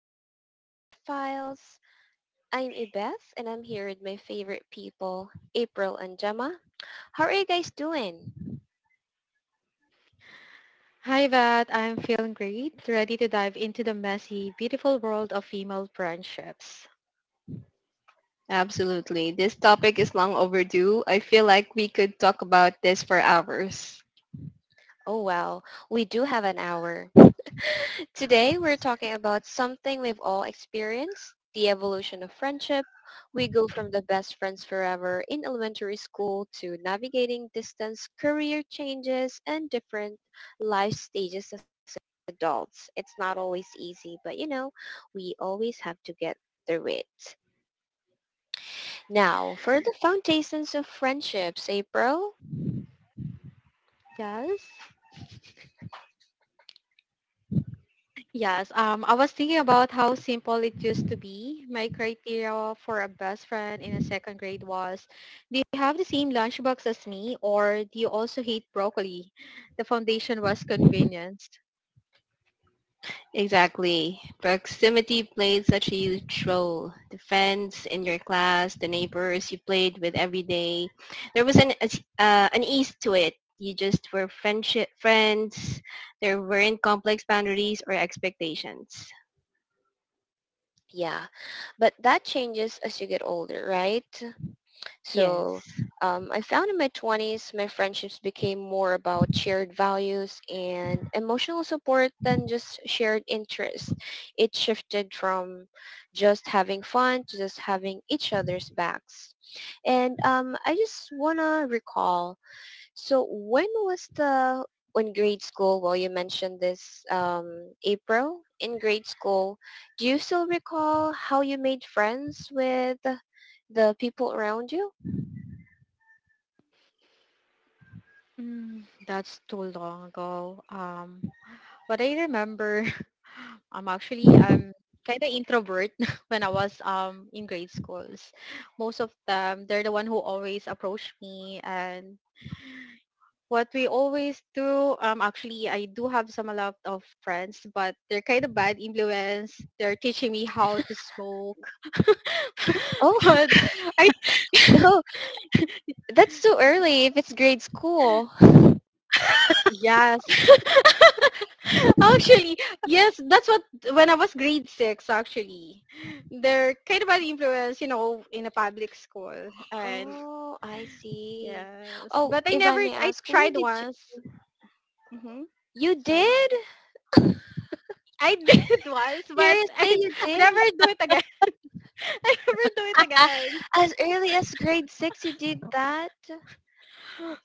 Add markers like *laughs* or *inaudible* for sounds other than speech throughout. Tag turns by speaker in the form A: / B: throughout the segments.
A: back to the Friendship Files. I'm Ibeth and I'm here with my favorite people, April and Gemma. How are you guys doing?
B: Hi, Vat. I'm feeling great, ready to dive into the messy, beautiful world of female friendships.
C: Absolutely. This topic is long overdue. I feel like we could talk about this for hours.
A: Oh wow, we do have an hour. *laughs* Today we're talking about something we've all experienced, the evolution of friendship. We go from the best friends forever in elementary school to navigating distance, career changes, and different life stages as adults. It's not always easy, but we always have to get through it. Now, for the foundations of friendships, April,
B: Yes? Yes. I was thinking about how simple it used to be. My criteria for a best friend in a second grade was, do you have the same lunchbox as me or do you also hate broccoli? The foundation was convenience.
C: Exactly. Proximity played such a huge role. The friends in your class, the neighbors you played with every day. There was an ease to it. You just were friendship friends. There weren't complex boundaries or expectations.
A: yeah, but that changes as you get older, right?
C: Yes.
A: So I found in my 20s, my friendships became more about shared values and emotional support than just shared interests. It shifted from just having fun to just having each other's backs. And I just want to recall, so when was the, in grade school, well, you mentioned this April, in grade school, do you still recall how you made friends with the people around you?
B: That's too long ago. But I remember *laughs* I'm actually
A: Oh,
B: I'm kind of introvert *laughs* when I was in grade schools. Most of them, they're the one who always approach me, and what we always do, actually I do have some a lot of friends, but they're kind of bad influence. They're teaching me how to smoke. *laughs* but I.
A: *laughs* no, that's too early if it's grade school.
B: Yes. *laughs* Actually, yes, that's what when I was grade six actually. They're kind of an influence, in a public school. And
A: Oh, I see.
B: yes.
A: Oh,
B: But I
A: if I
B: never,
A: may
B: I
A: ask, where
B: tried
A: did you?
B: once. Mm-hmm.
A: You
B: Sorry.
A: did?
B: I *laughs* did once, but I,
A: Seriously, you
B: *laughs* I
A: did?
B: never do it again. *laughs* I never do it
C: Ah,
B: again. *laughs*
A: As early as grade six, you did that?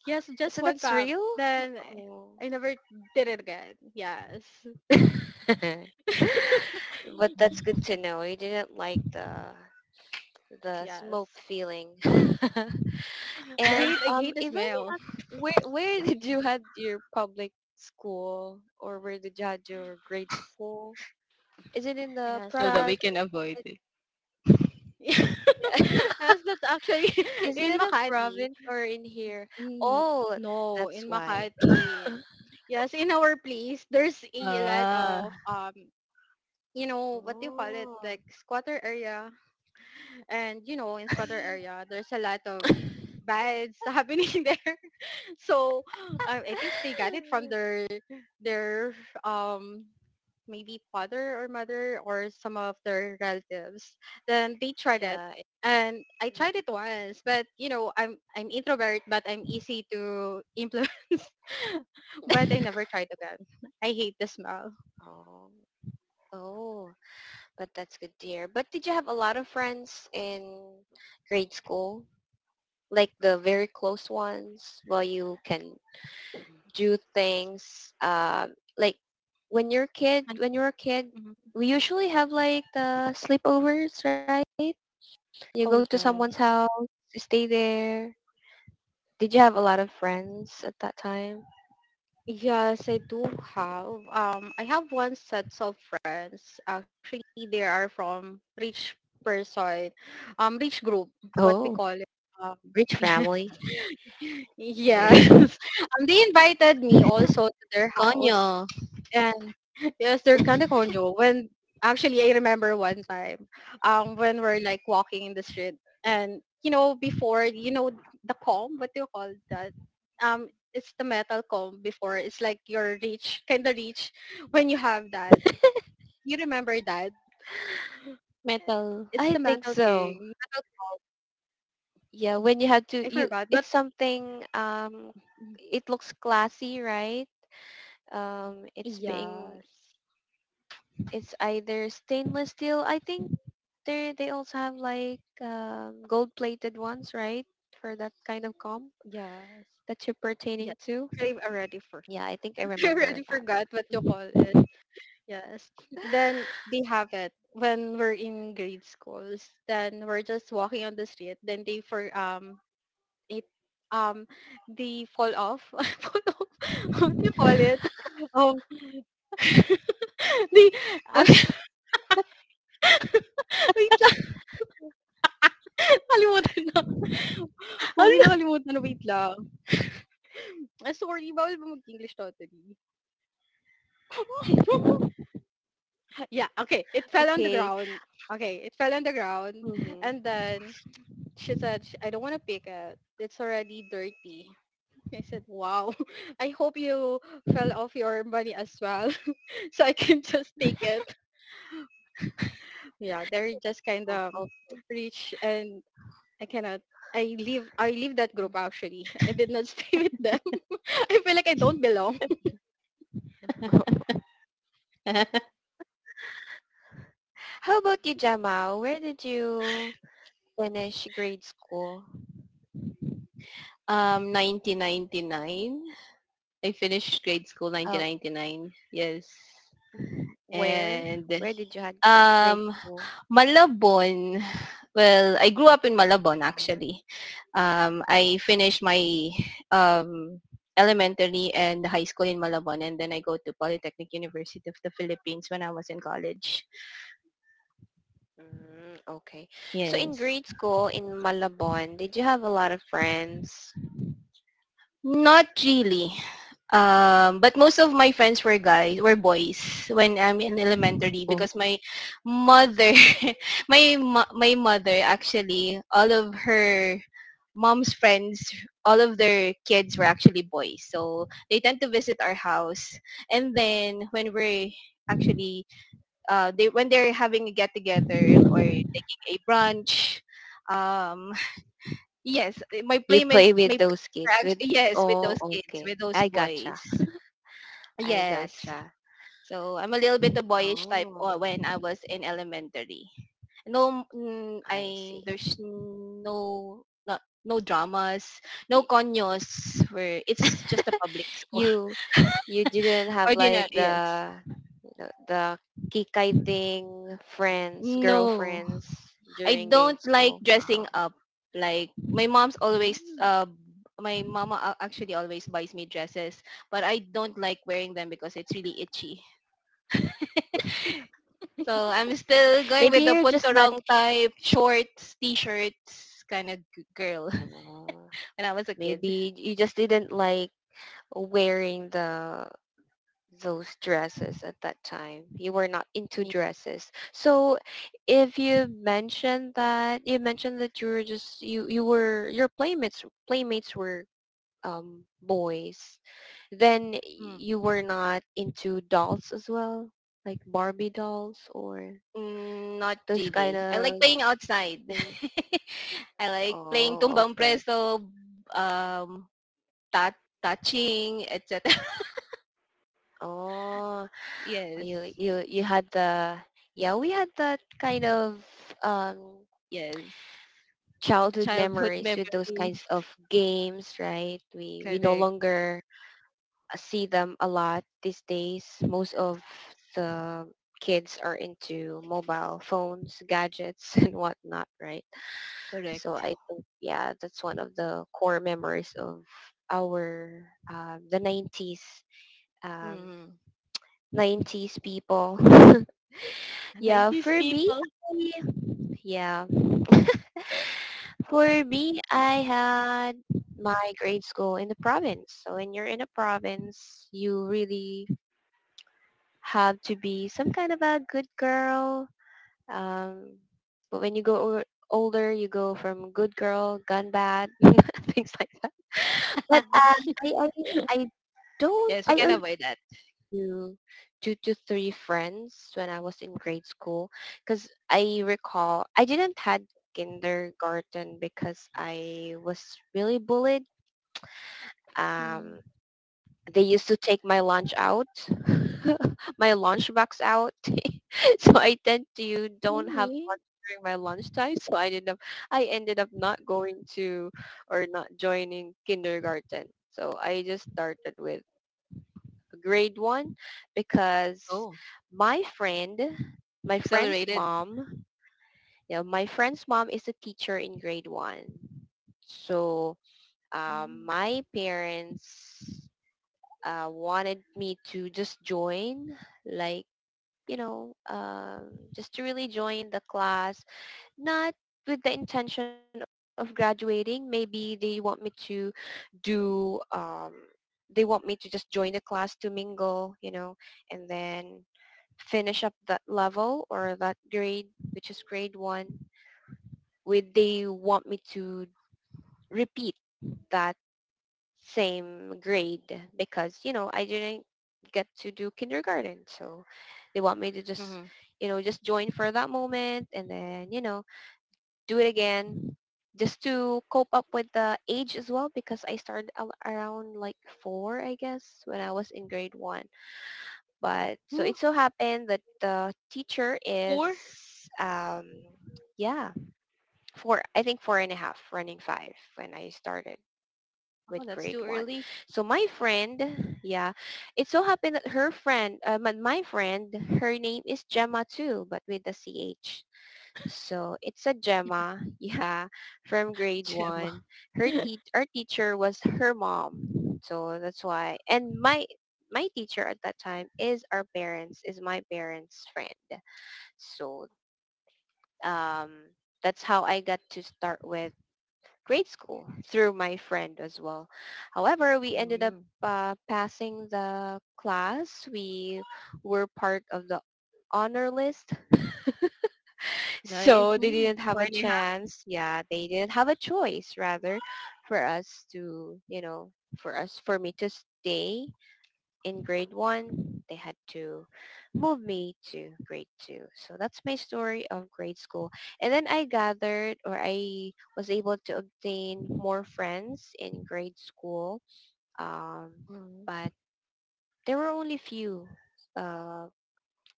B: Yes, just
A: So
B: one
A: that's
B: pop.
A: real?
B: Then I,
A: Oh.
B: I never did it again. Yes.
A: *laughs*
B: *laughs*
A: But that's good to know. You didn't like the smoke
B: yes.
A: feeling. *laughs*
B: I
A: And
B: hate I hate the
A: if I may
B: smell.
A: ask, where *laughs* did you had your public school, or where did you had your grade school? Is it in the
B: Yes,
C: so that we
B: that.
A: province, or
C: can
A: is
C: avoid
A: it,
C: it.
B: *laughs*
A: yeah? *laughs*
B: Yes, that's actually *laughs*
A: Is it
B: in
A: in a
B: Makati.
A: province or in here?
B: Mm,
A: Oh,
B: no,
A: that's
B: in
A: why.
B: Makati. Yes, in our place, there's a lot
C: Ah.
B: of, what do you call it?
A: Oh,
B: Like squatter area. And, in squatter
A: mm.
B: area, there's a lot of bads *laughs* happening there. *laughs* So, I think they got it from their
A: *laughs*
B: their um maybe father or mother or some of their relatives. Then they tried it.
A: Yeah,
B: And I tried
A: mm,
B: it once, but, you know, I'm introvert, but I'm easy to influence. *laughs* but I never tried again. I hate the smell.
A: oh, oh, but that's good to hear. But did you have a lot of friends in grade school? Like the very close ones, while you can do things like, when you're a kid
B: And-
A: when you're a kid
B: mhm.
A: we usually have like the sleepovers, right? You
B: Oh
A: go to someone's
B: yes.
A: house, you stay there. Did you have a lot of friends at that time?
B: Yes, I do have. I have one sets of friends. Actually, they are from person, rich group, what we
A: Oh,
B: call it. Um,
A: rich family.
B: *laughs* yes. *laughs* Yes.
C: Yes.
B: *laughs* They invited me also to their
C: Konyo.
B: house. And *laughs* yes, they're kind of corny. Oh, when actually, I remember one time, when we're like walking in the street, and, you know, before you know the comb, what do you call that? It's the metal comb. Before it's like your reach, kind of reach, when you have that. You remember that?
C: Metal.
B: It's the
A: *laughs* I
B: metal
A: think
B: thing,
A: so.
B: metal comb.
A: Yeah, when you have
B: I
A: to you,
B: forgot, but
A: it's something. It looks classy, right? It's being,
B: yes,
A: it's either stainless steel, I think. There, they also have like gold-plated ones, right? For that kind of comp
B: yes,
A: that you're pertaining
B: yes.
A: to.
B: I already for
A: Yeah, I think I
B: *laughs* I
A: remember
B: already
A: that.
B: forgot what you call it.
A: Hmm.
B: Yes. Then they have it when we're in grade schools. Then we're just walking on the street. Then they for it um they fall off. *laughs* Fall off. *laughs* What do you call it? Um, *laughs* they
C: *laughs*
B: actually *laughs* wait lang. *laughs* Nakalimutan na. *laughs* Uy,
C: What?
B: nakalimutan na. Wait lang. Ah, sorry, bawal ba mag-English totally?
C: *laughs*
B: Yeah, okay. It
A: *laughs*
B: fell on the
A: Okay.
B: ground. Okay, it fell on the ground.
A: Hmm.
B: And then she said, I don't want to pick it. It's already dirty." *laughs* I said, wow. *laughs* I hope you fell off your money as well, *laughs* so I can *laughs* just take it. Yeah, they're just kind
A: Oh,
B: of
A: okay.
B: rich, and I cannot. I leave that group actually. I did not *laughs* stay with them. *laughs* I feel like I don't belong.
A: How about you, Jamal? Where did you finish grade school?
C: 1999. I finished grade school
A: Uh,
C: 1999. Yes.
A: where?
C: And
A: Where did you had grade
C: um,
A: school?
C: Malabon. Well, I grew up in Malabon
A: Oh,
C: actually. I finished my um, elementary and high school in Malabon, and then I go to Polytechnic University of the Philippines when I was in college.
A: mm, okay. So in
C: Yes.
A: grade school in Malabon, did you have a lot of friends?
C: Not really. But most of my friends were boys when I'm in elementary, because my mother, *laughs* my mother actually, all of her mom's friends, all of their kids were actually boys. So they tend to visit our house, and then when we're actually, they when they're having a get together or taking a brunch. um, Yes, my
A: You
C: playmates
A: play
C: my
A: with
C: playmates
A: those
C: are
A: kids
C: act
A: with,
C: yes, with
A: oh,
C: those kids,
A: okay.
C: with those
A: I
C: boys.
A: gotcha. I
C: Yes.
A: gotcha.
C: So, I'm a little bit a boyish type o
A: Oh,
C: when I was in elementary. No,
A: I
C: I
A: see.
C: there's no dramas, no
A: Y-
C: conyos, where it's just a public school.
A: You you didn't
C: *laughs*
A: have
C: Ordinary,
A: like
C: yes.
A: the kikiting friends,
C: No.
A: girlfriends
C: I
A: during
C: don't
A: grade
C: like
A: school.
C: dressing up. Like my mom's always,
A: Mm.
C: my mama actually always buys me dresses, but I don't like wearing them because it's really itchy. *laughs* So I'm still going
A: Maybe
C: with the
A: you're just not.
C: punturong type shorts, t-shirts kind of girl
A: Oh,
C: *laughs* when I was a kid.
A: maybe you just didn't like wearing the those dresses at that time. You were not into
C: Me-
A: dresses. So, if you mentioned that you were just you were, your playmates were boys, then
C: Mm.
A: you were not into dolls as well, like Barbie dolls or
C: Mm, not
A: those kind
C: really. I like
A: of
C: playing outside.
A: thing.
C: *laughs* I like playing
A: Oh,
C: tumbang
A: okay.
C: preso, um, touching, etc.
A: Oh,
C: *laughs* yes,
A: you had the, yeah, we had that kind of um
C: yes.
A: childhood
C: Childhood *laughs*
A: memories with those
C: memories.
A: kinds of games, right? We no
C: Correct.
A: longer see them a lot these days. Most of
C: Yes.
A: the kids are into mobile phones, gadgets, *laughs* and whatnot, right? So
C: Correct.
A: I think, yeah, that's one of the core memories of our the 90s um,
C: Mm.
A: nineties people. *laughs* Yeah,
C: 90s
A: for me,
C: people.
A: I- yeah. For me, I had my grade school in the province. So when you're in a province, you really have to be some kind of a good girl. Um, but when you go older, you go from good girl, gun bad, *laughs* things like that. But
C: *laughs*
A: I don't,
C: Yes, we
A: I
C: can
A: only
C: avoid that.
A: knew two to three friends when I was in grade school because I recall I didn't had kindergarten because I was really bullied. Um,
B: Mm.
A: they used to take my lunch out, *laughs* my lunchbox out. *laughs* So I tend to don't have
B: Really?
A: lunch during my lunchtime. *laughs* So I ended up not going to or not joining kindergarten. So I just started with grade one because
C: Oh,
A: my friend, my friend's
C: accelerated.
A: mom, yeah, my friend's mom is a teacher in grade one. So
B: Mm.
A: my parents wanted me to just join, like, just to really join the class, not with the intention of graduating. Maybe they want me to do, they want me to just join the class to mingle, and then finish up that level or that grade, which is grade one. Would they want me to repeat that same grade because, I didn't get to do kindergarten, so they want me to just,
C: Mm-hmm.
A: just join for that moment and then, do it again just to cope up with the age as well, because I started around like 4, I guess, when I was in grade 1. But so it
C: Hmm,
A: so happened that the teacher is
C: 4?
A: yeah, four, I think four and a half, running five when I started
C: Oh,
A: with
C: that's too
A: grade one.
C: early.
A: So my friend, yeah, it so happened that her friend, my friend, her name is Gemma too, but with the CH. So it's a Gemma, *laughs* yeah, from
C: *laughs*
A: grade
C: Gemma.
A: one. Her
B: *laughs*
A: our teacher was her mom. So that's why. And my teacher at that time is our parents, is my parents' friend. So um, that's how I got to start with grade school through my friend as well. However, we ended up
C: Mm.
A: passing the class. We were part of the honor list. *laughs*
C: Nice.
A: So they
B: Mm.
A: didn't have
C: Four
A: a
C: and a half.
A: chance. Yeah, they didn't have a choice rather, for us to, for us, for me to stay in grade one, they had to move me to grade two. So that's my story of grade school. And then I gathered, or I was able to obtain more friends in grade school. Um,
C: Mm.
A: but there were only few uh,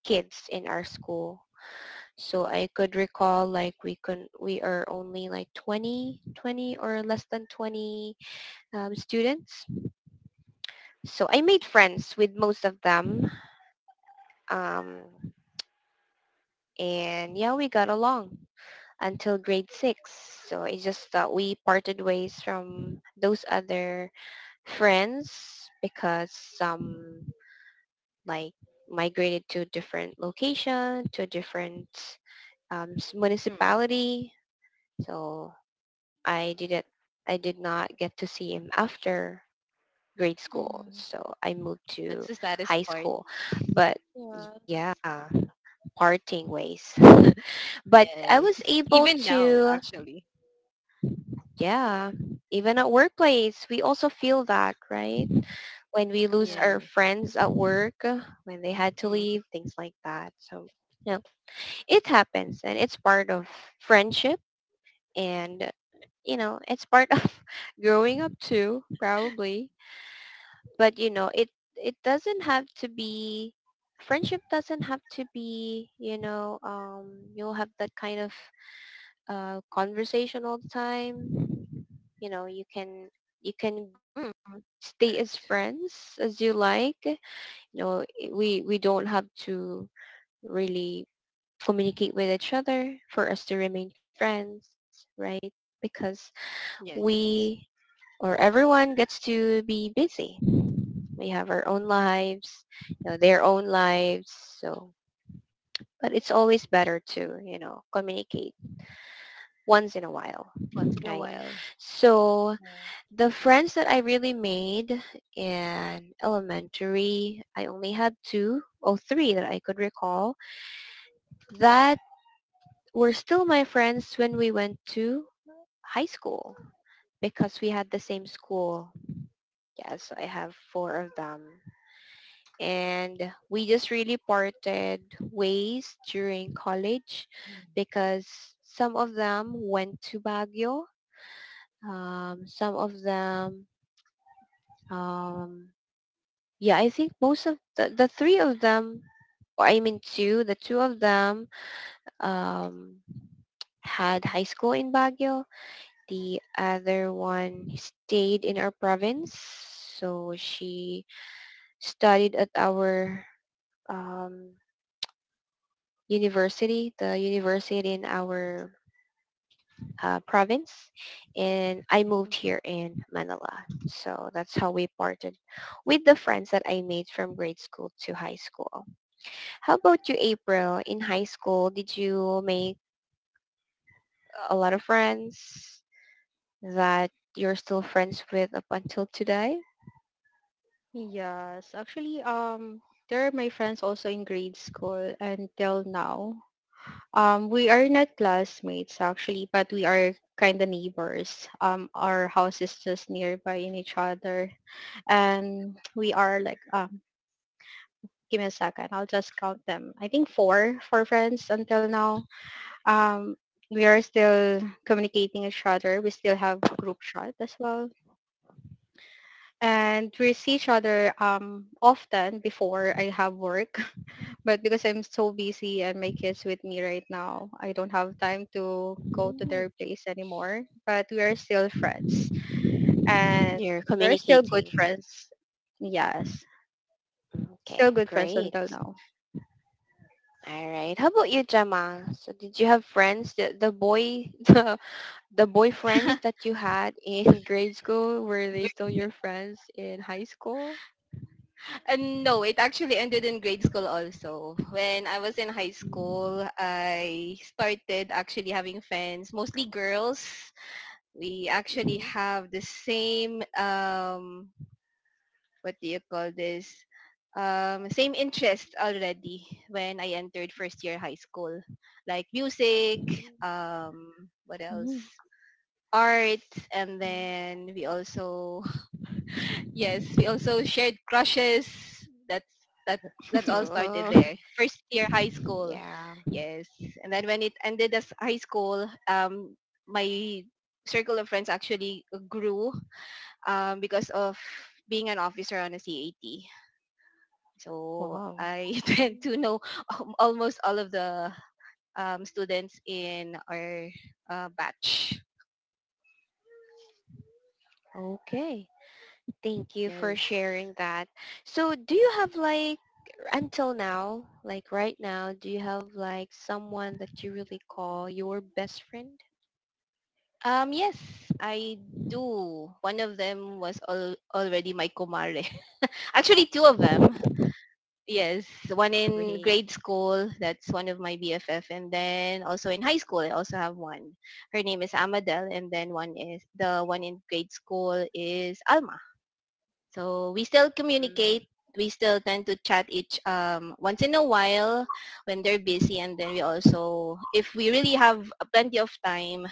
A: kids in our school. So I could recall, like, we are only like 20, 20 or less than 20 students. So I made friends with most of them. Um, and yeah, we got along until grade six. So it's just that we parted ways from those other friends because some like migrated to a different location, to a different
C: Mm.
A: municipality. So I didn't, I did not get to see him after grade school.
B: Mm.
A: So I moved
C: That's the
A: to
C: saddest
A: high
C: part.
A: school, but, yeah,
B: Yes.
A: parting ways. *laughs* But I
C: Yes.
A: was able
C: Even now,
A: to,
C: actually.
A: yeah, even at workplace, we also feel that, right? When we lose
B: Yeah.
A: our
C: Yes.
A: friends at work, when they had to
C: Mm.
A: leave, things like that. So, you know, it happens, and it's part of friendship, and, it's part of *laughs* growing up too, probably. But, it doesn't have to be, friendship doesn't have to be, you'll have that kind of conversation all the time. You know, you can
C: Mm.
A: stay
C: Correct.
A: as friends as you like. You know, we don't have to really communicate with each other for us to remain friends, right? Because we,
C: Yes.
A: or everyone gets to be busy. We have our own lives, their own lives. So, but it's always better to, communicate once in a while,
C: Once in a
A: right?
C: while.
A: So,
B: Yeah.
A: the friends that I really made in elementary, I only had two or three that I could recall that were still my friends when we went to high school because we had the same school. Yes, I have four of them. And we just really parted ways during college because some of them went to Baguio. Some of them um, yeah, I think most of the, three of them, or I mean two, the two of them um, had high school in Baguio. The other one stayed in our province. So she studied at our um, university, the university in our province. And I
C: Mhm.
A: moved here in Manila. So that's how we parted with the friends that I made from grade school to high school. How about you, April? In high school, did you make a lot of friends that you're still friends with up until today?
B: Yes, actually, they're my friends also in grade school until now. We are not classmates actually, but we are kind of neighbors. Our house is just nearby in each other, and we are like, give me a second, I'll just count them. I think four, four friends until now. Um, we are still communicating each other. We still have group chat as well, and we see each other often before I have work. *laughs* But because I'm so busy and my kids with me right now, I don't have time to go to
A: Mm.
B: their place anymore. But we are still friends, and
A: You're
B: we're still good
A: communicating.
B: friends. Yes. Still
A: Okay,
B: good friends
A: great.
B: until now.
A: All right. How about you, Gemma? So did you have friends, the boy, *laughs* the boyfriends
C: *laughs*
A: that you had in *laughs* grade school, were they still your friends in high school?
C: And no, it actually ended in grade school also. When I was in high school, I started actually having friends, mostly girls. We actually
A: Mm-hmm.
C: have the same, what do you call this? Same interest already when I entered first year high school, like music,
A: Mm-hmm.
C: what else?
B: Mm,
C: Art, and then we also Yes, we also shared crushes. That's that that's all started
A: Oh,
C: there. First year high school.
A: *laughs* yeah.
C: Yes. And then when it ended as high school, my circle of friends actually grew because of being an officer on a CAT. So
B: wow.
C: I *laughs* tend to
A: Mm.
C: know almost all of the students in our batch.
A: Okay. Thank you for
C: Yes.
A: sharing that. So do you have like, until now, like right now, do you have like someone that you really call your best friend?
C: Yes, I do. One of them was already my kumare. *laughs* Actually, two of them. Yes, one in
A: Great.
C: grade school. That's one of my BFF, and then also in high school, I also have one. Her name is Amadel, and then one is the one in grade school is Alma. So we still communicate.
A: Mm,
C: We still tend to chat each once in a while when they're busy, and then we also, if we really have plenty of time,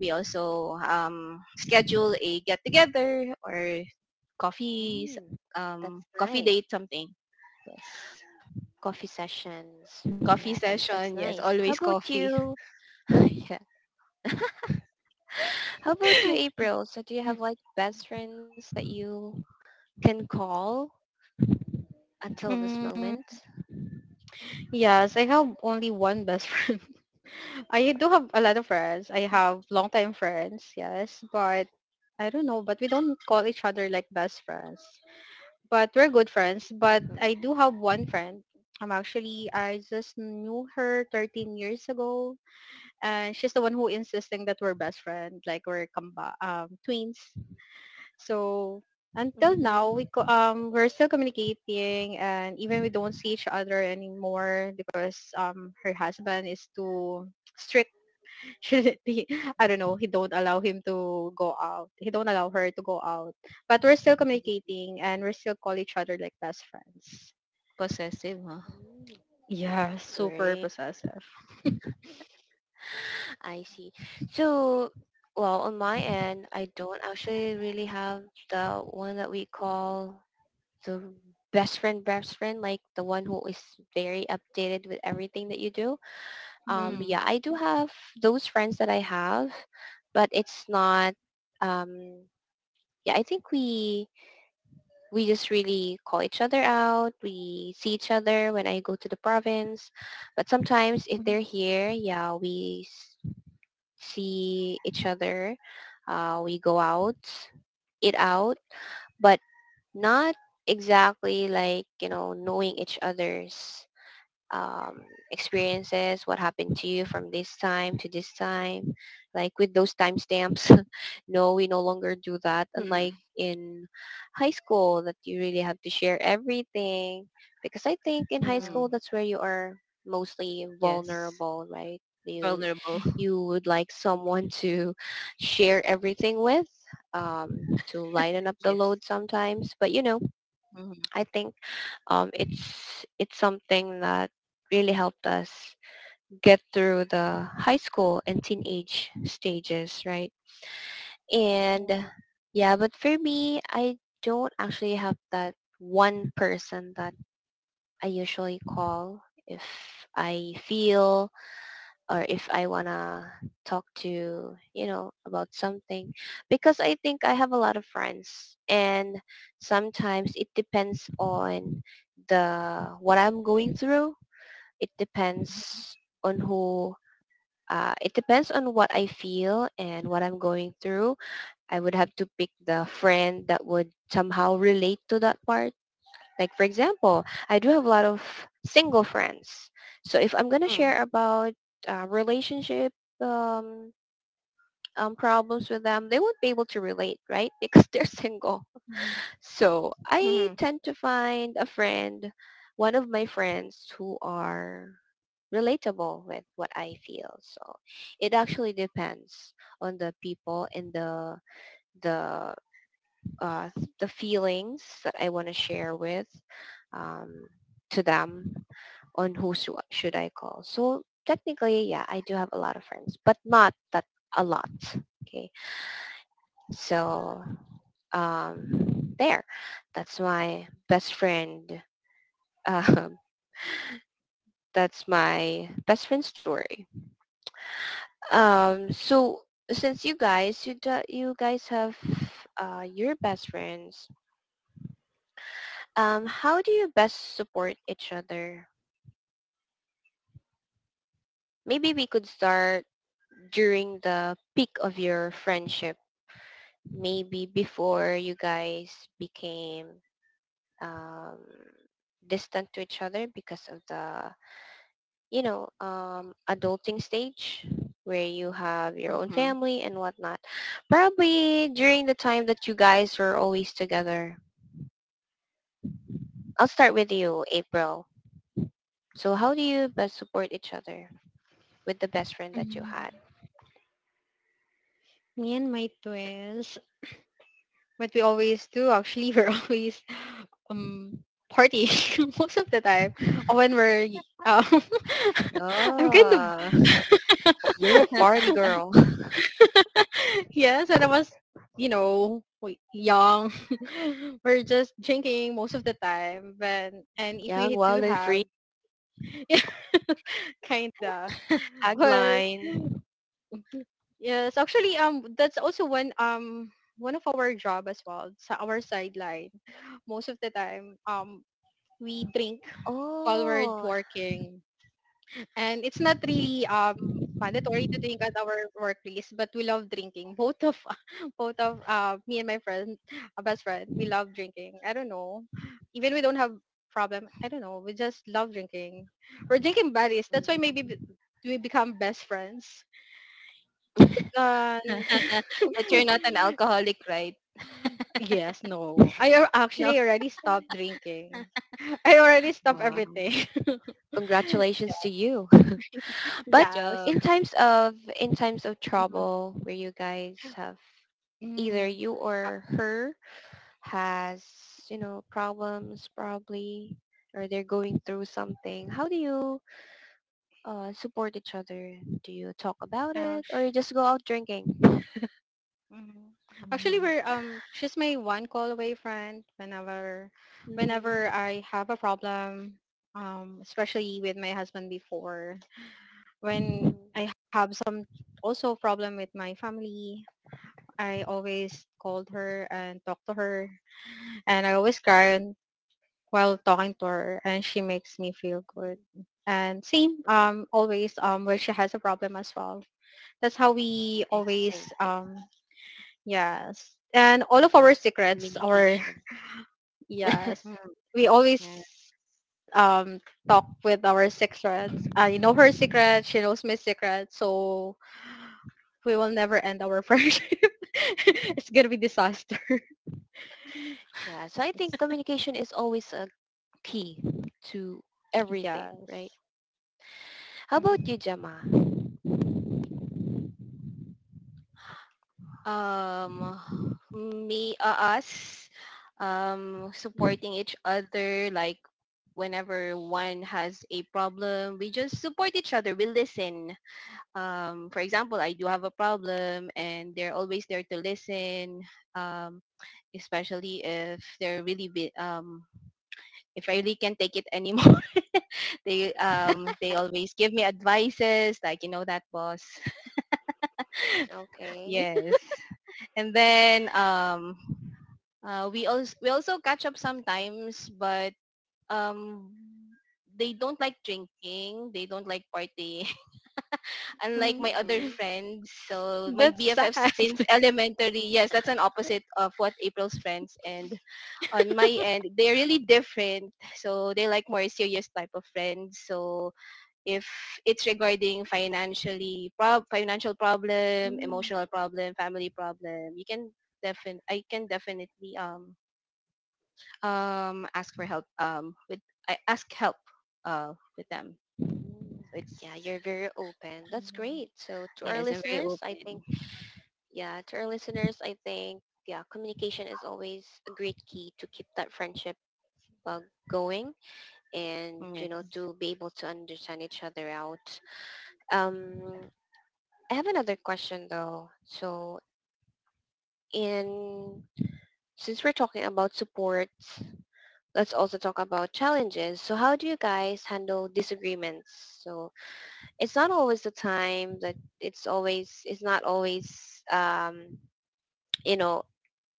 C: we also schedule a get together or coffees,
A: mm, that's
C: coffee
A: nice.
C: date, something. Yes.
A: Coffee sessions, right?
C: Coffee
A: That's nice.
C: session.
A: How
C: Yes,
A: about
C: always coffee.
A: you? *laughs* Yeah. How about you,
C: *laughs*
A: April? So do you have like best friends that you can call until this moment?
B: Mm, yes, I have only one best *laughs* friend. I do have a lot of friends. I have longtime friends, yes, but I don't know, but we don't call each other like best friends. But we're good friends. But
A: Mm-hmm.
B: I do have one friend. I'm actually, I just knew her 13 years ago. And she's the one who insisting that we're best friends, like we're twins. So until now, we
A: Mm-hmm.
B: co- um, we're still communicating, and even we don't see each other anymore because her husband is too strict. Shouldn't He- *laughs* I don't know, he don't allow him to go out. He don't allow her to go out. But we're still communicating, and we're still call each other like best friends.
C: Possessive, huh?
A: Mm-hmm.
B: Yeah, super
A: Great.
B: possessive.
A: I see. So, well, on my end, I don't actually really have the one that we call the best friend, like the one who is very updated with everything that you do.
B: Hmm.
C: Mm.
A: Yeah, I do have those friends that I have, but it's not. Um, yeah, I think we just really call each other out. We see each other when I go to the province, but sometimes if
B: Hmm.
A: they're here, yeah, we see each other. We go out, eat out, but not exactly like, knowing each other's um, experiences, what happened to you from this time to this time, like with those timestamps. *laughs* No, we no longer do that. Unlike
C: Mm.
A: in high school, that you really have to share everything, because I think in high
B: Yeah.
C: Mm.
A: school that's where you are mostly
C: Yes.
A: vulnerable, right? You
C: Vulnerable.
B: Mhm.
C: *laughs*
A: you would like someone *laughs* to share everything with, to lighten up the
C: Yes.
A: load sometimes, but you know,
C: Mm.
A: I think it's something that really helped us get through the high school and teenage stages, right? And
B: Oh,
A: yeah, but for me, I don't actually have that one person that I usually call if I feel or if I want to talk to, you know, about something. Because I think I have a lot of friends and sometimes it depends on the what I'm going through. It depends on who, it depends on what I feel and what I'm going through. I would have to pick the friend that would somehow relate to that part, like for example, I do have a lot of single friends. So if I'm gonna
C: Mm.
A: share about relationship um, problems with them, they won't be able to relate, right? *laughs* Because they're single.
B: mhm,
A: So I
C: Mm.
A: tend to find a friend, one of my friends who are relatable with what I feel. So it actually depends on the people and the uh, the feelings that I want to share with, um, to them, on should I call. So technically, yeah, I do have a lot of friends, but not that a lot. Okay, so there, that's my best friend. *laughs* Um, that's my best friend story. So since you guys, you guys have your best friends. How do you best support each other? Maybe we could start during the peak of your friendship. Maybe before you guys became um, distant to each other because of the, you know, adulting stage where you have your own
C: Hmm.
A: family and whatnot. Probably during the time that you guys were always together. I'll start with you, April. So how do you best support each other with the best friend that you had?
B: mhm. Me and my twins, what we always do actually, *laughs* we're always um party *laughs* most of the time. When we're um, *laughs* I'm kind of
A: Oh, *laughs* you're a party girl.
B: *laughs* yes, and I was young. *laughs* We're just drinking most of the time, but and if
A: Yeah,
B: we do
A: wild and
B: have,
A: free
B: *laughs* yeah, kinda. Well,
A: tagline.
B: yes, actually, that's also one of our job as well. So our sideline, most of the time, we drink while we're
A: Oh,
B: working. And it's not really mandatory to drink at our workplace, but we love drinking. Both of *laughs* both of me and my friend, a best friend, we love drinking. I don't know, even we don't have problem. I don't know. We just love drinking. We're drinking buddies. That's why maybe
A: mhm.
B: we become best friends. And
C: *laughs* But you're
A: Okay.
C: not
B: *laughs*
C: an alcoholic, right?
B: yes, no, I al-
C: No.
B: actually already stopped drinking. *laughs* I already stopped
A: Wow.
C: Okay.
B: everything. *laughs*
A: Congratulations to you. But
C: Good
B: yes.
C: job.
A: in times of
B: Mm-hmm.
A: trouble where you guys have either
B: Mm,
A: you or her has, you know, problems probably or they're going through something, how do you support each other? Do you talk about it or you
B: ouch.
A: just go out drinking?
B: Mhm. Actually,
C: Mm-hmm.
B: we're she's my one call away friend whenever
A: Hmm.
B: I have a problem, especially with my husband before. When
A: Hmm.
B: I have some also problem with my family, I always called her and talked to her, and I always cry while talking to her, and she makes me feel good. And same, always where she has a problem as well. That's how we
A: It's the
B: always
A: same.
B: um Yes. And all of our
A: Okay,
B: secrets, our
A: communication.
B: *laughs* yes.
A: *laughs*
C: Mm-hmm.
B: We always um talk with our secrets. I know her secret, she knows my secret, so we will never end our *laughs* friendship. *laughs* It's gonna be disaster.
A: Yeah, so I
B: Yes.
A: think communication is always a key to everything, right?
B: Yes.
A: How about
B: Mhm.
A: you, Jama?
C: um me us supporting each other, like whenever one has a problem, we just support each other, we listen. For example, I do have a problem and they're always there to listen. um Especially if they're really if I really can't take it anymore. *laughs* They always give me advices, like, you know, that boss. *laughs*
A: Okay.
C: Yes. And then we also catch up sometimes, but um, they don't like drinking. They don't like partying. *laughs* Unlike
A: *laughs*
B: Mhm.
C: my other
A: Mm-hmm.
C: friends, so my
B: That's
C: BFFs
B: sad.
C: since elementary, yes, that's an opposite of what April's friends. And on my end, they're really different. So they like more serious type of friends. So if it's regarding financial problem,
B: Mm,
C: emotional problem, family problem, you can defin I can definitely ask for help with I ask help with them. So it's
A: Yeah, you're very open. That's great. So to our
C: yes, I'm very
A: listeners, I think,
C: open.
A: yeah, to our listeners, I think, yeah, communication is always a great key to keep that friendship uh, going and,
C: Mm,
A: you
C: yes.
A: know, to be able to understand each other out. Um, I have another question though. So and since we're talking about supports, let's also talk about challenges. So how do you guys handle disagreements? So it's not always you know,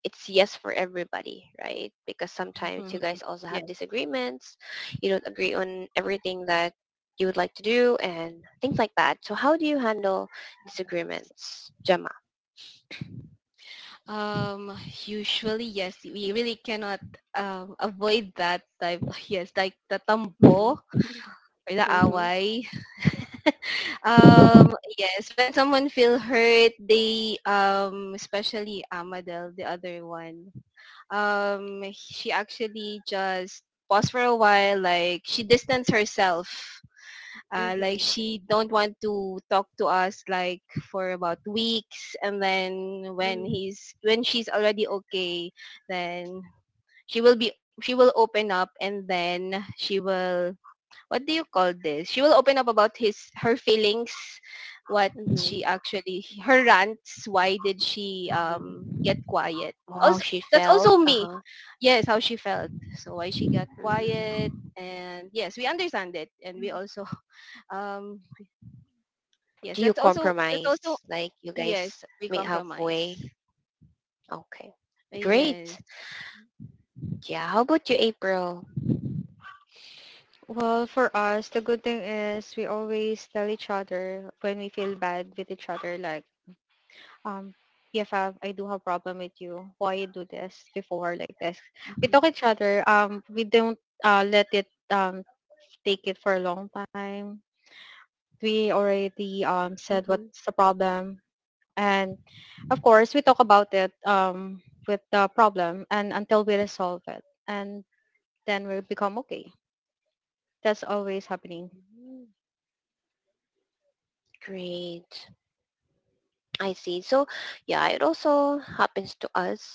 A: it's yes for everybody, right? Because sometimes you
C: Mhm.
A: guys also have
C: Yes.
A: disagreements. You don't agree on everything that you would like to do and things like that. So how do you handle
B: yes.
A: disagreements, Gemma?
C: Um usually, yes, we really cannot avoid that type, *laughs* yes, like the tambo
A: Hmm.
C: or the away. *laughs*
A: Hmm.
C: Yes, when someone feel hurt, they especially Amadel, the other one, she actually just paused for a while, like she distanced herself, like she don't want to talk to us, like for about weeks, and then when
A: Hmm.
C: he's when she's already okay, then she will open up, and then she will, what do you call this? She will open up about his her feelings, what
A: Mhm.
C: she actually, her rants, why did she get
A: Mhm.
C: quiet?
A: Oh, how
C: Also,
A: she
C: that's
A: felt.
C: also me.
A: Uh-huh.
C: Yes, how she felt. So why she got quiet,
A: Mhm.
C: and yes, we understand it, and we
B: Mm.
C: also *laughs* um yes,
A: Do you
C: that's also
A: compromise? Like you guys
C: yes, we
A: meet
C: compromise.
A: halfway? Okay. Great.
C: Yes.
A: Yeah, how about you, April?
B: Well, for us, the good thing is we always tell each other when we feel bad with each other, like, um, BFF, I do have problem with you. Why you do this before like this? We
A: Mhm.
B: talk each other. We don't, let it, take it for a long time. We already,
A: Mhm.
B: said what's the problem. And of course, we talk about it, with the problem, and until we resolve it. And then we become okay. That's always happening.
A: Mm. Great. I see. So, yeah, it also happens to us. Like,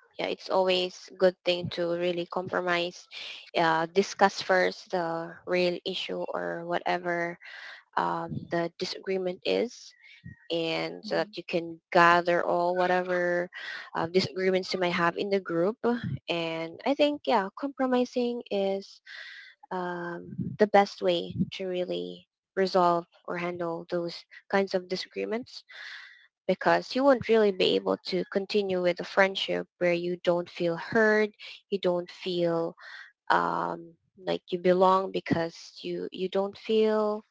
A: yeah, it's always good thing to really compromise, discuss first the real issue or whatever the disagreement is, and so
B: Mhm.
A: that you can gather all whatever disagreements you might have in the group. And I think, yeah, compromising is the best way to really resolve or handle those kinds of disagreements, because you won't really be able to continue with a friendship where you don't feel heard, you don't feel um, like you belong, because you don't feel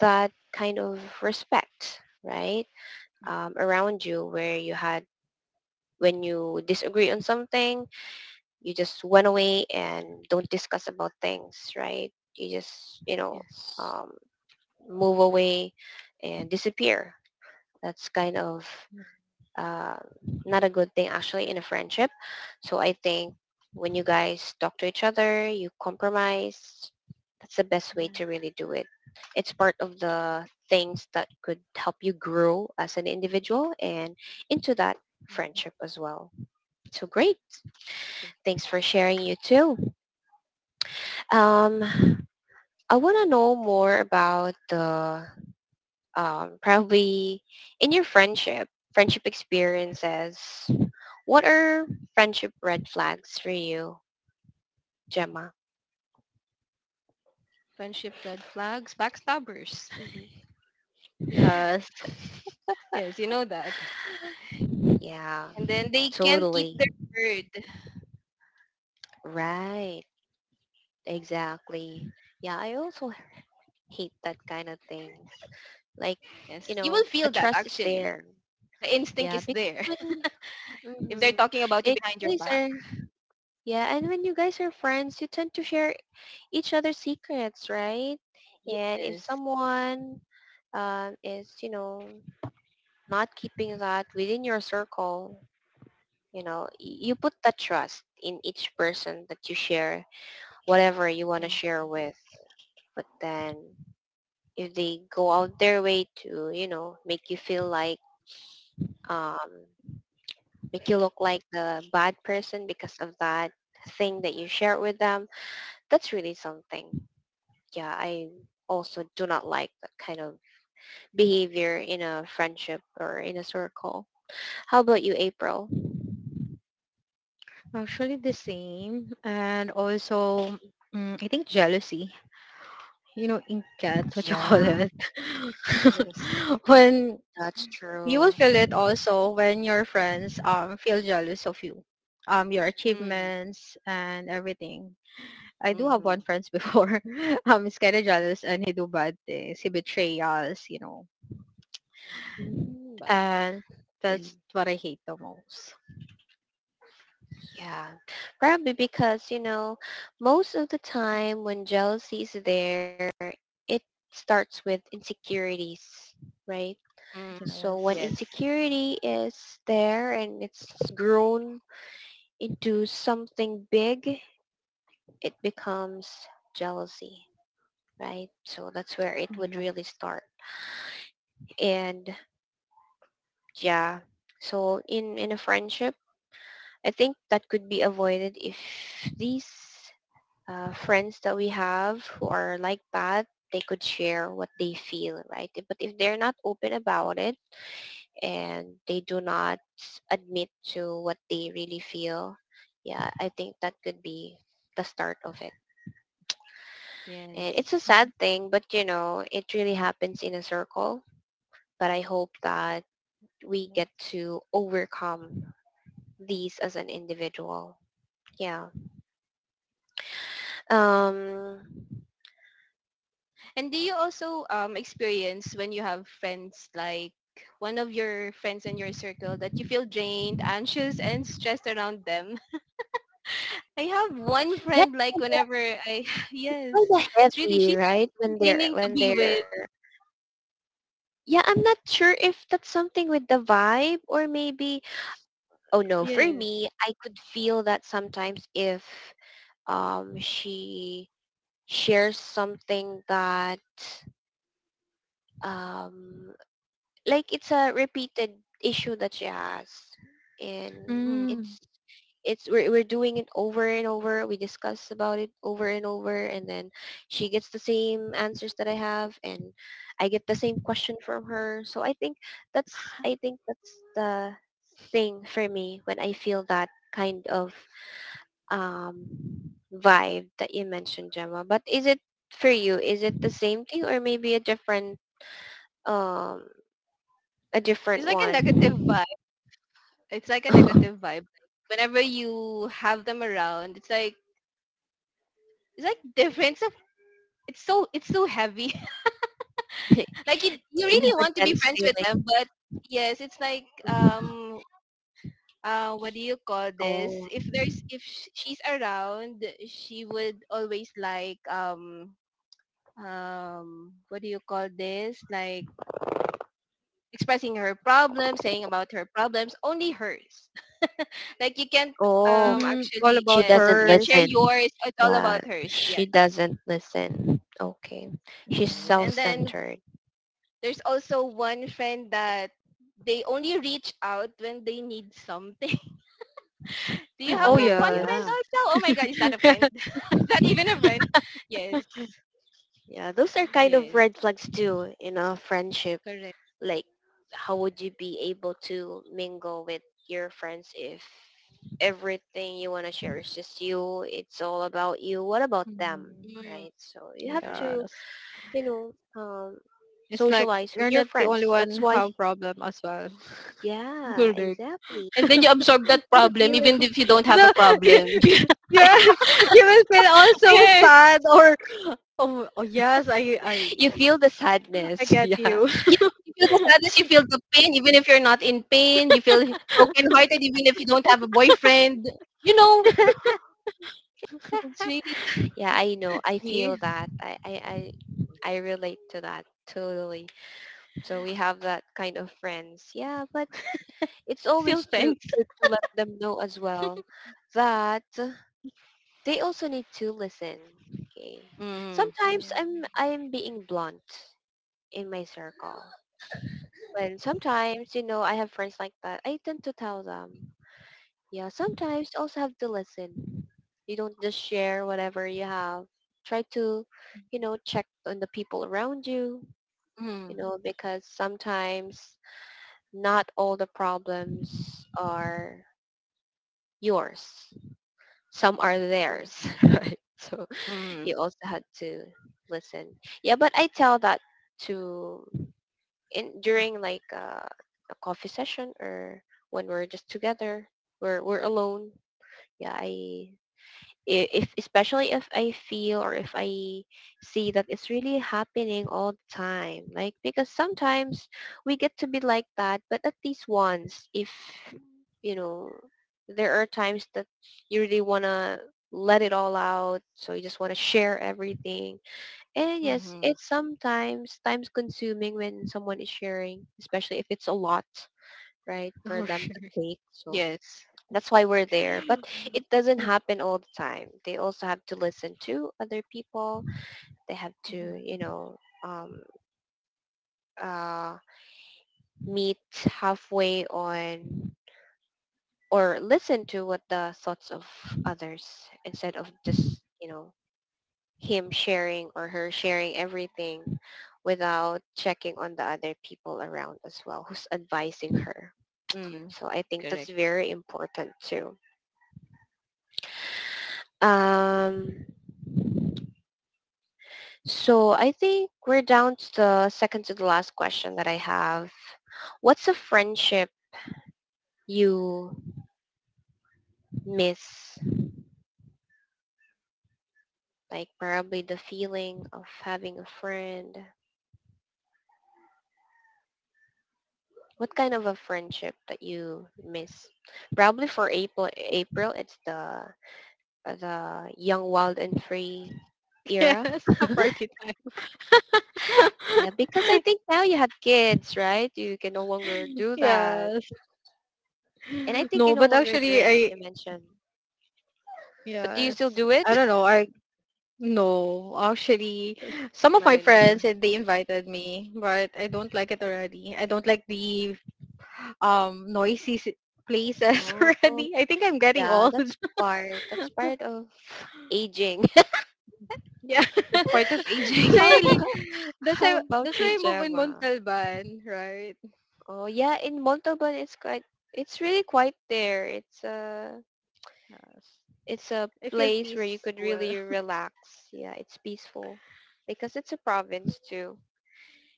A: that kind of respect, right? Around you where you had, when you disagree on something, you just went away and don't discuss about things, right? you just you know
C: Yes.
A: um, move away and disappear. That's kind of
B: Yeah,
A: uh, not a good thing actually in a friendship. So I think when you guys talk to each other, you compromise. That's the best way
C: Mhm,
A: to really do it. It's part of the things that could help you grow as an individual and into that
C: mhm.
A: friendship as well. So great.
B: that's true.
A: Thanks for sharing you too. Um, I want to know more about the probably in your friendship experiences. What are friendship red flags for you, Gemma?
C: Friendship red flags, backstabbers. *laughs*
A: Hmm.
B: Yes.
C: Yes, you know that.
A: Yeah,
C: And then they can't keep
A: totally.
C: their word.
A: Right. Exactly. Yeah, I also hate that kind of things. Like,
C: Yes.
A: you
C: You will
A: know, the
C: feel that
A: trust is
C: actually.
A: there.
C: The instinct
A: Yeah,
C: is
A: because
C: there. *laughs*
A: when,
C: If they're
A: mm-hmm,
C: talking about you
A: it,
C: behind
A: you
C: your
A: guys
C: back.
A: are yeah, and when you guys are friends, you tend to share each other's secrets, right? And if
C: Yes.
A: someone is, you know, not keeping that within your circle, you know you put the trust in each person that you share whatever you want to
C: Mm,
A: share with, but then if they go out their way to, you know, make you feel like, um make you look like the bad person because of that thing that you shared with them, that's really something. Yeah, I also do not like that kind of behavior in a friendship or in a circle. How about you, April?
B: *laughs* Actually the same. And also, I think jealousy. You know, ink cat, what you call
A: Yeah,
B: it. *laughs*
C: yes.
B: When
A: that's
B: you
A: true.
B: will feel it also when your friends feel jealous of you, your
C: Mm,
B: achievements and everything. I do have one
C: mm-hmm.
B: friends before. *laughs* He's kind of jealous and he do bad things. He betrayals
A: Mm,
C: But
B: and
A: yeah.
B: that's what I hate the most.
A: Yeah, probably because, you know, most of the time when jealousy is there, it starts with insecurities, right?
C: mm,
A: So when
C: yes.
B: Jealous,
A: insecurity is there and it's grown into something big, it becomes jealousy, right? So that's where it would really
B: jealous.
A: start. And yeah, so in a friendship, I think that could be avoided if these friends that we have who are like that, they could share what they feel, right? But if they're not open about it and they do not admit to what they really feel, yeah, I think that could be the start of it. And it's a
B: Mhm.
A: sad
C: Yes.
A: thing, but you know, it really happens in a circle. But I hope that we get to overcome these as an individual. Yeah. Um
C: And do you also experience, when you have friends, like one of your friends in your circle, that you feel drained, anxious, and stressed around them? *laughs* I have one
A: yeah,
C: friend, like
A: it's
C: whenever I *laughs* yes,
A: kind of
C: it's really,
A: heavy,
C: she's
A: right? When
C: draining to be with.
A: they're. Yeah, I'm not sure if that's something with the vibe or maybe. Oh no, for
C: Yes.
A: me, I could feel that sometimes if she shares something that um like it's a repeated issue that she has, and
C: Mm.
B: Mm,
A: it's we're doing it over and over, we discuss about it over and over, and then she gets the same answers that I have, and I get the same question from her. So I think that's I think that's the thing for me when I feel that kind of um vibe that you mentioned, Gemma. But is it for you, is it the same thing or maybe um a different
C: It's like a negative
A: one?
C: vibe It's like a negative vibe.
A: *laughs*
C: Like, whenever you have them around, it's like, different. So it's so heavy. *laughs* Like, you
A: You have
C: really want
A: a
C: to be
A: dense
C: friends with them,
A: feeling.
C: but yes, it's like,
A: Mhm.
C: what do you call this?
A: Oh,
C: If she's around, she would always like, what do you call this? Like, expressing her problems, saying about her problems, only hers. Like, you can't,
A: oh,
B: all
C: actually
A: she
B: about
C: yes,
A: doesn't
C: you can
B: hers.
C: share
A: listen.
C: yours. It's all
A: Yeah,
C: about hers.
A: she
C: Yes.
A: doesn't listen. Okay. She's
C: Yes.
B: Mm.
C: And then
A: self-centered.
C: there's also one friend that, they only reach out when they need something. *laughs* Do you have
B: Oh
C: that
A: Oh,
C: one friend
A: yeah.
B: yes.
C: also? Oh my god, is that a friend? *laughs* Is that even a friend? Yes.
A: Yeah, those are kind of red
C: Yes.
A: flags too in a friendship.
C: Correct.
A: Like, how would you be able to mingle with your friends if everything you want to share is just you? It's all about you. What about them?
B: Mm.
C: Mm,
A: Right? So you have
C: correct.
A: to,
B: Yes.
A: you know, um,
B: It's like
A: socialize with
B: you're
A: your
B: not the only
A: friends. That's
B: one who
A: why,
B: have problem as well.
A: yeah,
C: Correct.
A: exactly.
C: And then
A: Because
C: you absorb
A: it's
C: that
A: part of
C: problem
A: you
C: even
A: and
C: if you don't
B: *laughs*
C: have a
B: The,
C: problem.
B: *laughs* yes, you will feel
C: *laughs*
B: also
C: Yes.
B: sad, or oh, oh yes, I I
A: you
B: I
A: feel the
B: I
A: sadness. *laughs*
B: get
A: Yeah.
B: you. *laughs*
C: Yeah, you feel the sadness, you feel the pain even if you're not in pain, you feel brokenhearted even if you don't have a boyfriend. You know, it's
A: *laughs*
C: really
A: Yeah, I know. I feel
C: daddy.
A: that. I relate to that totally. So we have that kind of friends. Yeah, but it's
C: Still
A: always
C: friends.
A: good to let them know as well that they also need to listen. Okay.
C: Mm,
A: Sometimes
B: Mhm.
A: I'm being blunt in my circle. Well, sometimes, you know, I have friends like that. I tend to tell them. Yeah, sometimes you also have to listen. You don't just share whatever you have. Try to, you know, check on the people around you,
C: mm,
A: you know, because sometimes not all the problems are yours. Some are
B: True.
A: theirs. *laughs* So
C: mm,
A: you also had to listen. Yeah, but I tell that to in during like a coffee session or when we're just together, we're alone. Yeah, I if especially if I feel or if I see that it's really happening all the time. Like because sometimes we get to be like that, but at least once if you know there are times that you really want to let it all out so you just want to share everything and yes,
C: mm,
A: it's sometimes times consuming when someone is sharing, especially if it's a lot, right, for
B: For
A: them
B: sure.
A: to take. So
C: yes.
A: that's why we're there. But it doesn't
B: *laughs*
A: happen all the time. They also have to listen to other people. They have to, you know, um, uh, meet halfway on or listen to what the thoughts of others instead of just, you know, him sharing or her sharing everything without checking on the other people around as well who's advising her.
C: Mm,
A: So I think that's
C: correct.
A: very important too. Um, so I think we're down to the second to the last question that I have. What's a friendship you miss? Like probably the feeling of having a friend. What kind of a friendship that you miss? Probably for April, April it's the young, wild, and free era.
B: Yes, *laughs* a party time.
A: Yeah, because I
B: *laughs*
A: think now you have kids, right? You can no longer do that.
B: Yes.
A: And I think you
B: No,
A: no
B: but
A: longer
B: actually
A: drink,
B: I.
A: you mentioned. But do you
B: Yes.
A: still do it?
B: I
A: *laughs*
B: don't know. I No, actually, some of my
A: Not
B: friends,
A: anymore.
B: they invited me, but I don't like it already. I don't like the noisy places *laughs*
A: Oh,
B: already. I think I'm getting
A: yeah,
B: old.
A: that's
B: *laughs*
A: part. That's part of *laughs* aging.
B: Yes.
C: That's part of
B: *laughs*
C: aging.
B: That's
A: *laughs*
B: why
A: How
B: I
C: *laughs*
B: li- that's
A: how
B: why
A: about
B: that's
A: you,
B: why I move in
A: Gemma?
B: Montalban, right?
A: Oh yeah, in Montalban it's quite it's really quite there.
B: Yes.
A: It's a
B: I feel
A: place where you could
B: peaceful.
A: really
B: *laughs*
A: relax. Yeah, it's peaceful because it's a province too.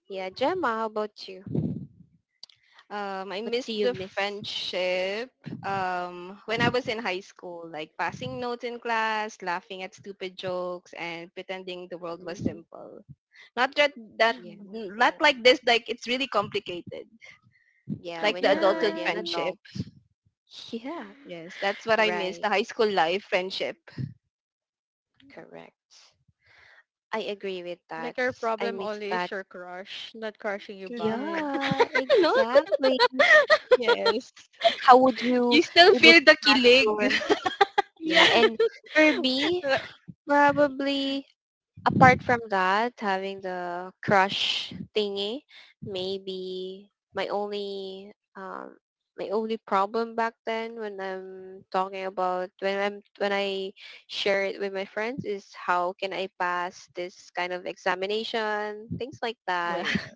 A: Yeah, Gemma, how about you?
C: I
A: What
C: missed
A: do you
C: the
A: miss?
C: friendship. When I was in high school, like passing notes in class, laughing at stupid jokes, and pretending the world was
A: Mhm.
C: simple. Not that,
A: Yeah,
C: not
B: Oh.
C: like this. Like, it's really complicated.
A: yeah,
C: Like
A: when
C: the
A: you're
C: adulthood
A: already an
B: Yes.
C: friendship.
A: adult. *laughs* Yeah,
C: Yes, that's what I miss.
A: right,
C: The high school life friendship.
A: correct. I agree with that.
B: Like your
A: I
B: problem
A: miss
B: only is
A: that.
B: your crush, not crushing you back.
C: Correct.
B: *laughs*
A: Yeah,
C: *laughs* No.
A: exactly.
C: Yes.
A: Like, how would you
C: You
A: be
C: still
A: able
C: feel
A: to
C: the
A: pass your?
C: kilig.
B: Yeah.
A: Yeah, and for me,
C: *laughs*
A: probably Apart from that, having the crush thingy, maybe my only problem back then when I'm talking about when I share it with my friends is how can I pass this kind of examination, things like
B: Oh
A: that.
C: Ba-
B: yeah.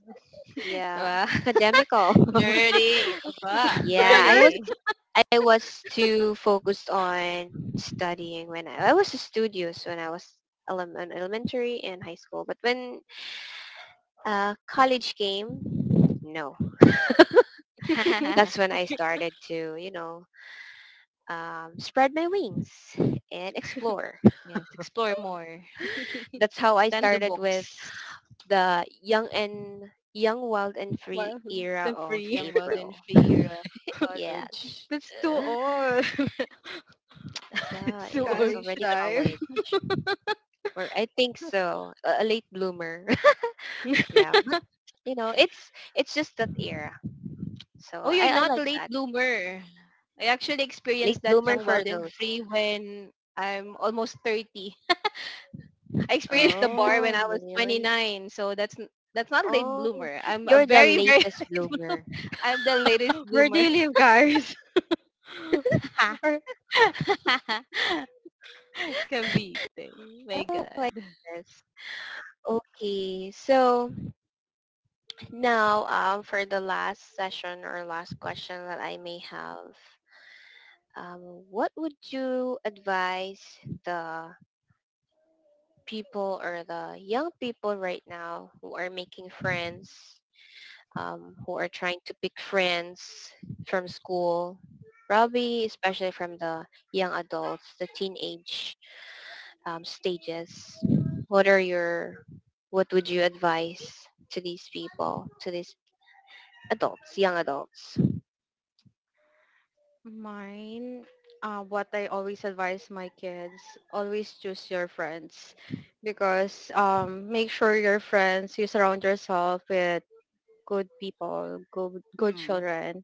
A: Yeah,
C: ba? *laughs*
A: academical. *laughs*
C: Nerdy.
B: *laughs*
C: Ba?
A: Yeah, I was
C: Nerdy.
A: I was too focused on studying when I was studious when I was in elementary and high school. But when college game? No.
C: *laughs*
A: That's
B: Nerd.
A: when I started to, you know, spread my wings and explore.
C: Yes. Explore more
B: *laughs*
A: That's how I
C: than the
A: started with
C: books.
A: the young and young, wild and free
B: Wow,
A: era
B: the
A: of
B: free.
C: Young, wild, and
A: April.
C: free era.
A: Yes.
C: College.
B: *laughs* That's too
A: Uh,
B: old. *laughs*
C: *laughs*
A: Yeah,
C: So
A: and that's
C: old.
B: College
A: already
B: time.
A: college. Or I think so. A late bloomer. *laughs*
B: *laughs*
A: yeah, but you know, it's just that era.
C: Oh,
A: So
C: you're
A: I
C: not
A: like
C: late
A: that.
C: bloomer. I actually
A: Late
C: experienced that
A: bloomer
C: young,
A: for
C: wild, and
A: those.
C: free when I'm almost 30. I
B: Wait,
C: experienced the bar when
A: Oh,
C: I was twenty
A: really?
C: nine. So that's not late
A: Oh,
C: bloomer. I'm a
A: you're the
C: very, very,
A: latest
C: *laughs*
A: bloomer.
C: I'm the latest
B: where do
C: bloomer.
B: you live, guys? *laughs* Or
C: *laughs* Cavite. My
A: Oh, I
C: God.
A: guess. Okay, so now for the last session or last question that I may have, what would you advise the people or the young people right now who are making friends, who are trying to pick friends from school, probably especially from the young adults, the teenage stages, what are your, what would you advise to these people, to these adults, young adults?
B: mine, what I always advise my kids, always choose your friends, because make sure your friends, you surround yourself with good people, good, good
C: Hmm.
B: children.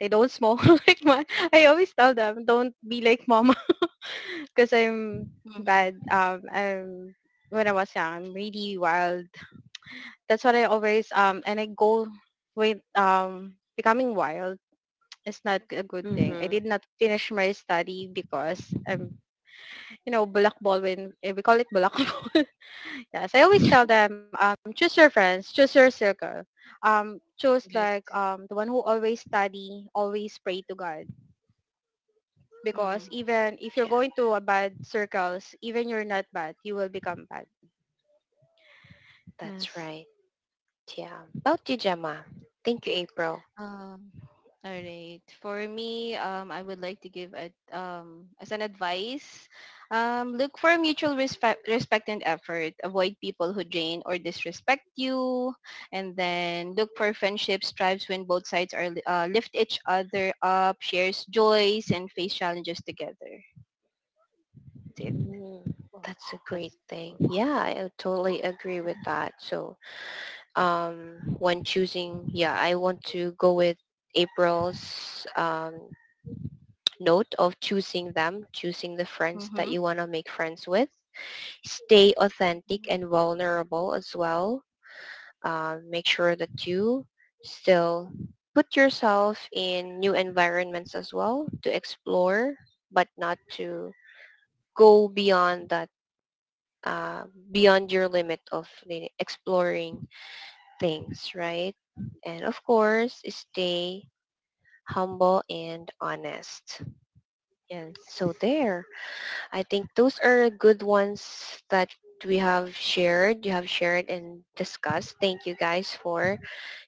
B: They don't smoke *laughs* like I always tell them, don't be like mom, because I'm
C: *laughs*
B: bad.
C: Mm.
B: I'm when I was young, I'm really wild. That's what I always, and I go with becoming wild. It's not a good thing. I
A: Mm-hmm.
B: did not finish my study because um, bulakbol, when we call it bulakbol. *laughs* Yes, I always tell them, choose your friends, choose your circle, choose like
C: Correct.
B: the one who always study, always pray to God, because
C: Hmm.
B: even if you're
A: Yeah,
B: going to a bad circles, even you're not bad, you will become bad.
A: that's
B: Yes.
A: right. Yeah. About you, Gemma. Thank you, April.
C: Um, all right. For me, I would like to give a as an advice, look for mutual respect, respect and effort. Avoid people who drain or disrespect you, and then look for friendships, strives when both sides are lift each other up, shares joys, and face challenges together. That's it.
A: Mm,
B: Wow,
A: that's a
B: that's
A: great
B: good.
A: thing. Yeah, I totally agree with that. So um, when choosing, yeah, I want to go with April's note of choosing them, choosing the friends that
C: Mm-hmm.
A: you want to make friends with. Stay authentic and vulnerable as well. Make sure that you still put yourself in new environments as well to explore, but not to go beyond that, uh, beyond your limit of exploring things, right? And of course, stay humble and honest.
C: Yes.
A: So there. I think those are good ones that we have shared, you have shared and discussed. Thank you guys for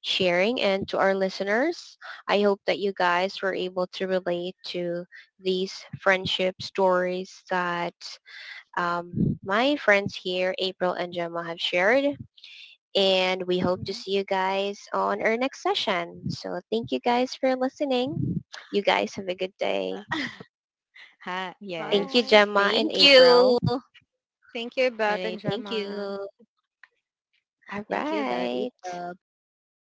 A: sharing. And to our listeners, I hope that you guys were able to relate to these friendship stories that my friends here, April and Gemma, have shared. And we hope to
B: Mhm.
A: see you guys on our next session. So thank you guys for listening. You guys have a good day.
C: *laughs* Ha,
A: Thank
C: yes.
A: you,
B: Bye.
A: Gemma and
C: Thank
A: April.
C: you. All
B: Thank you, Beth and
C: right. Thank
B: Gemma.
C: you.
A: All
C: Thank you. That
A: right.
C: is all. Bye bye.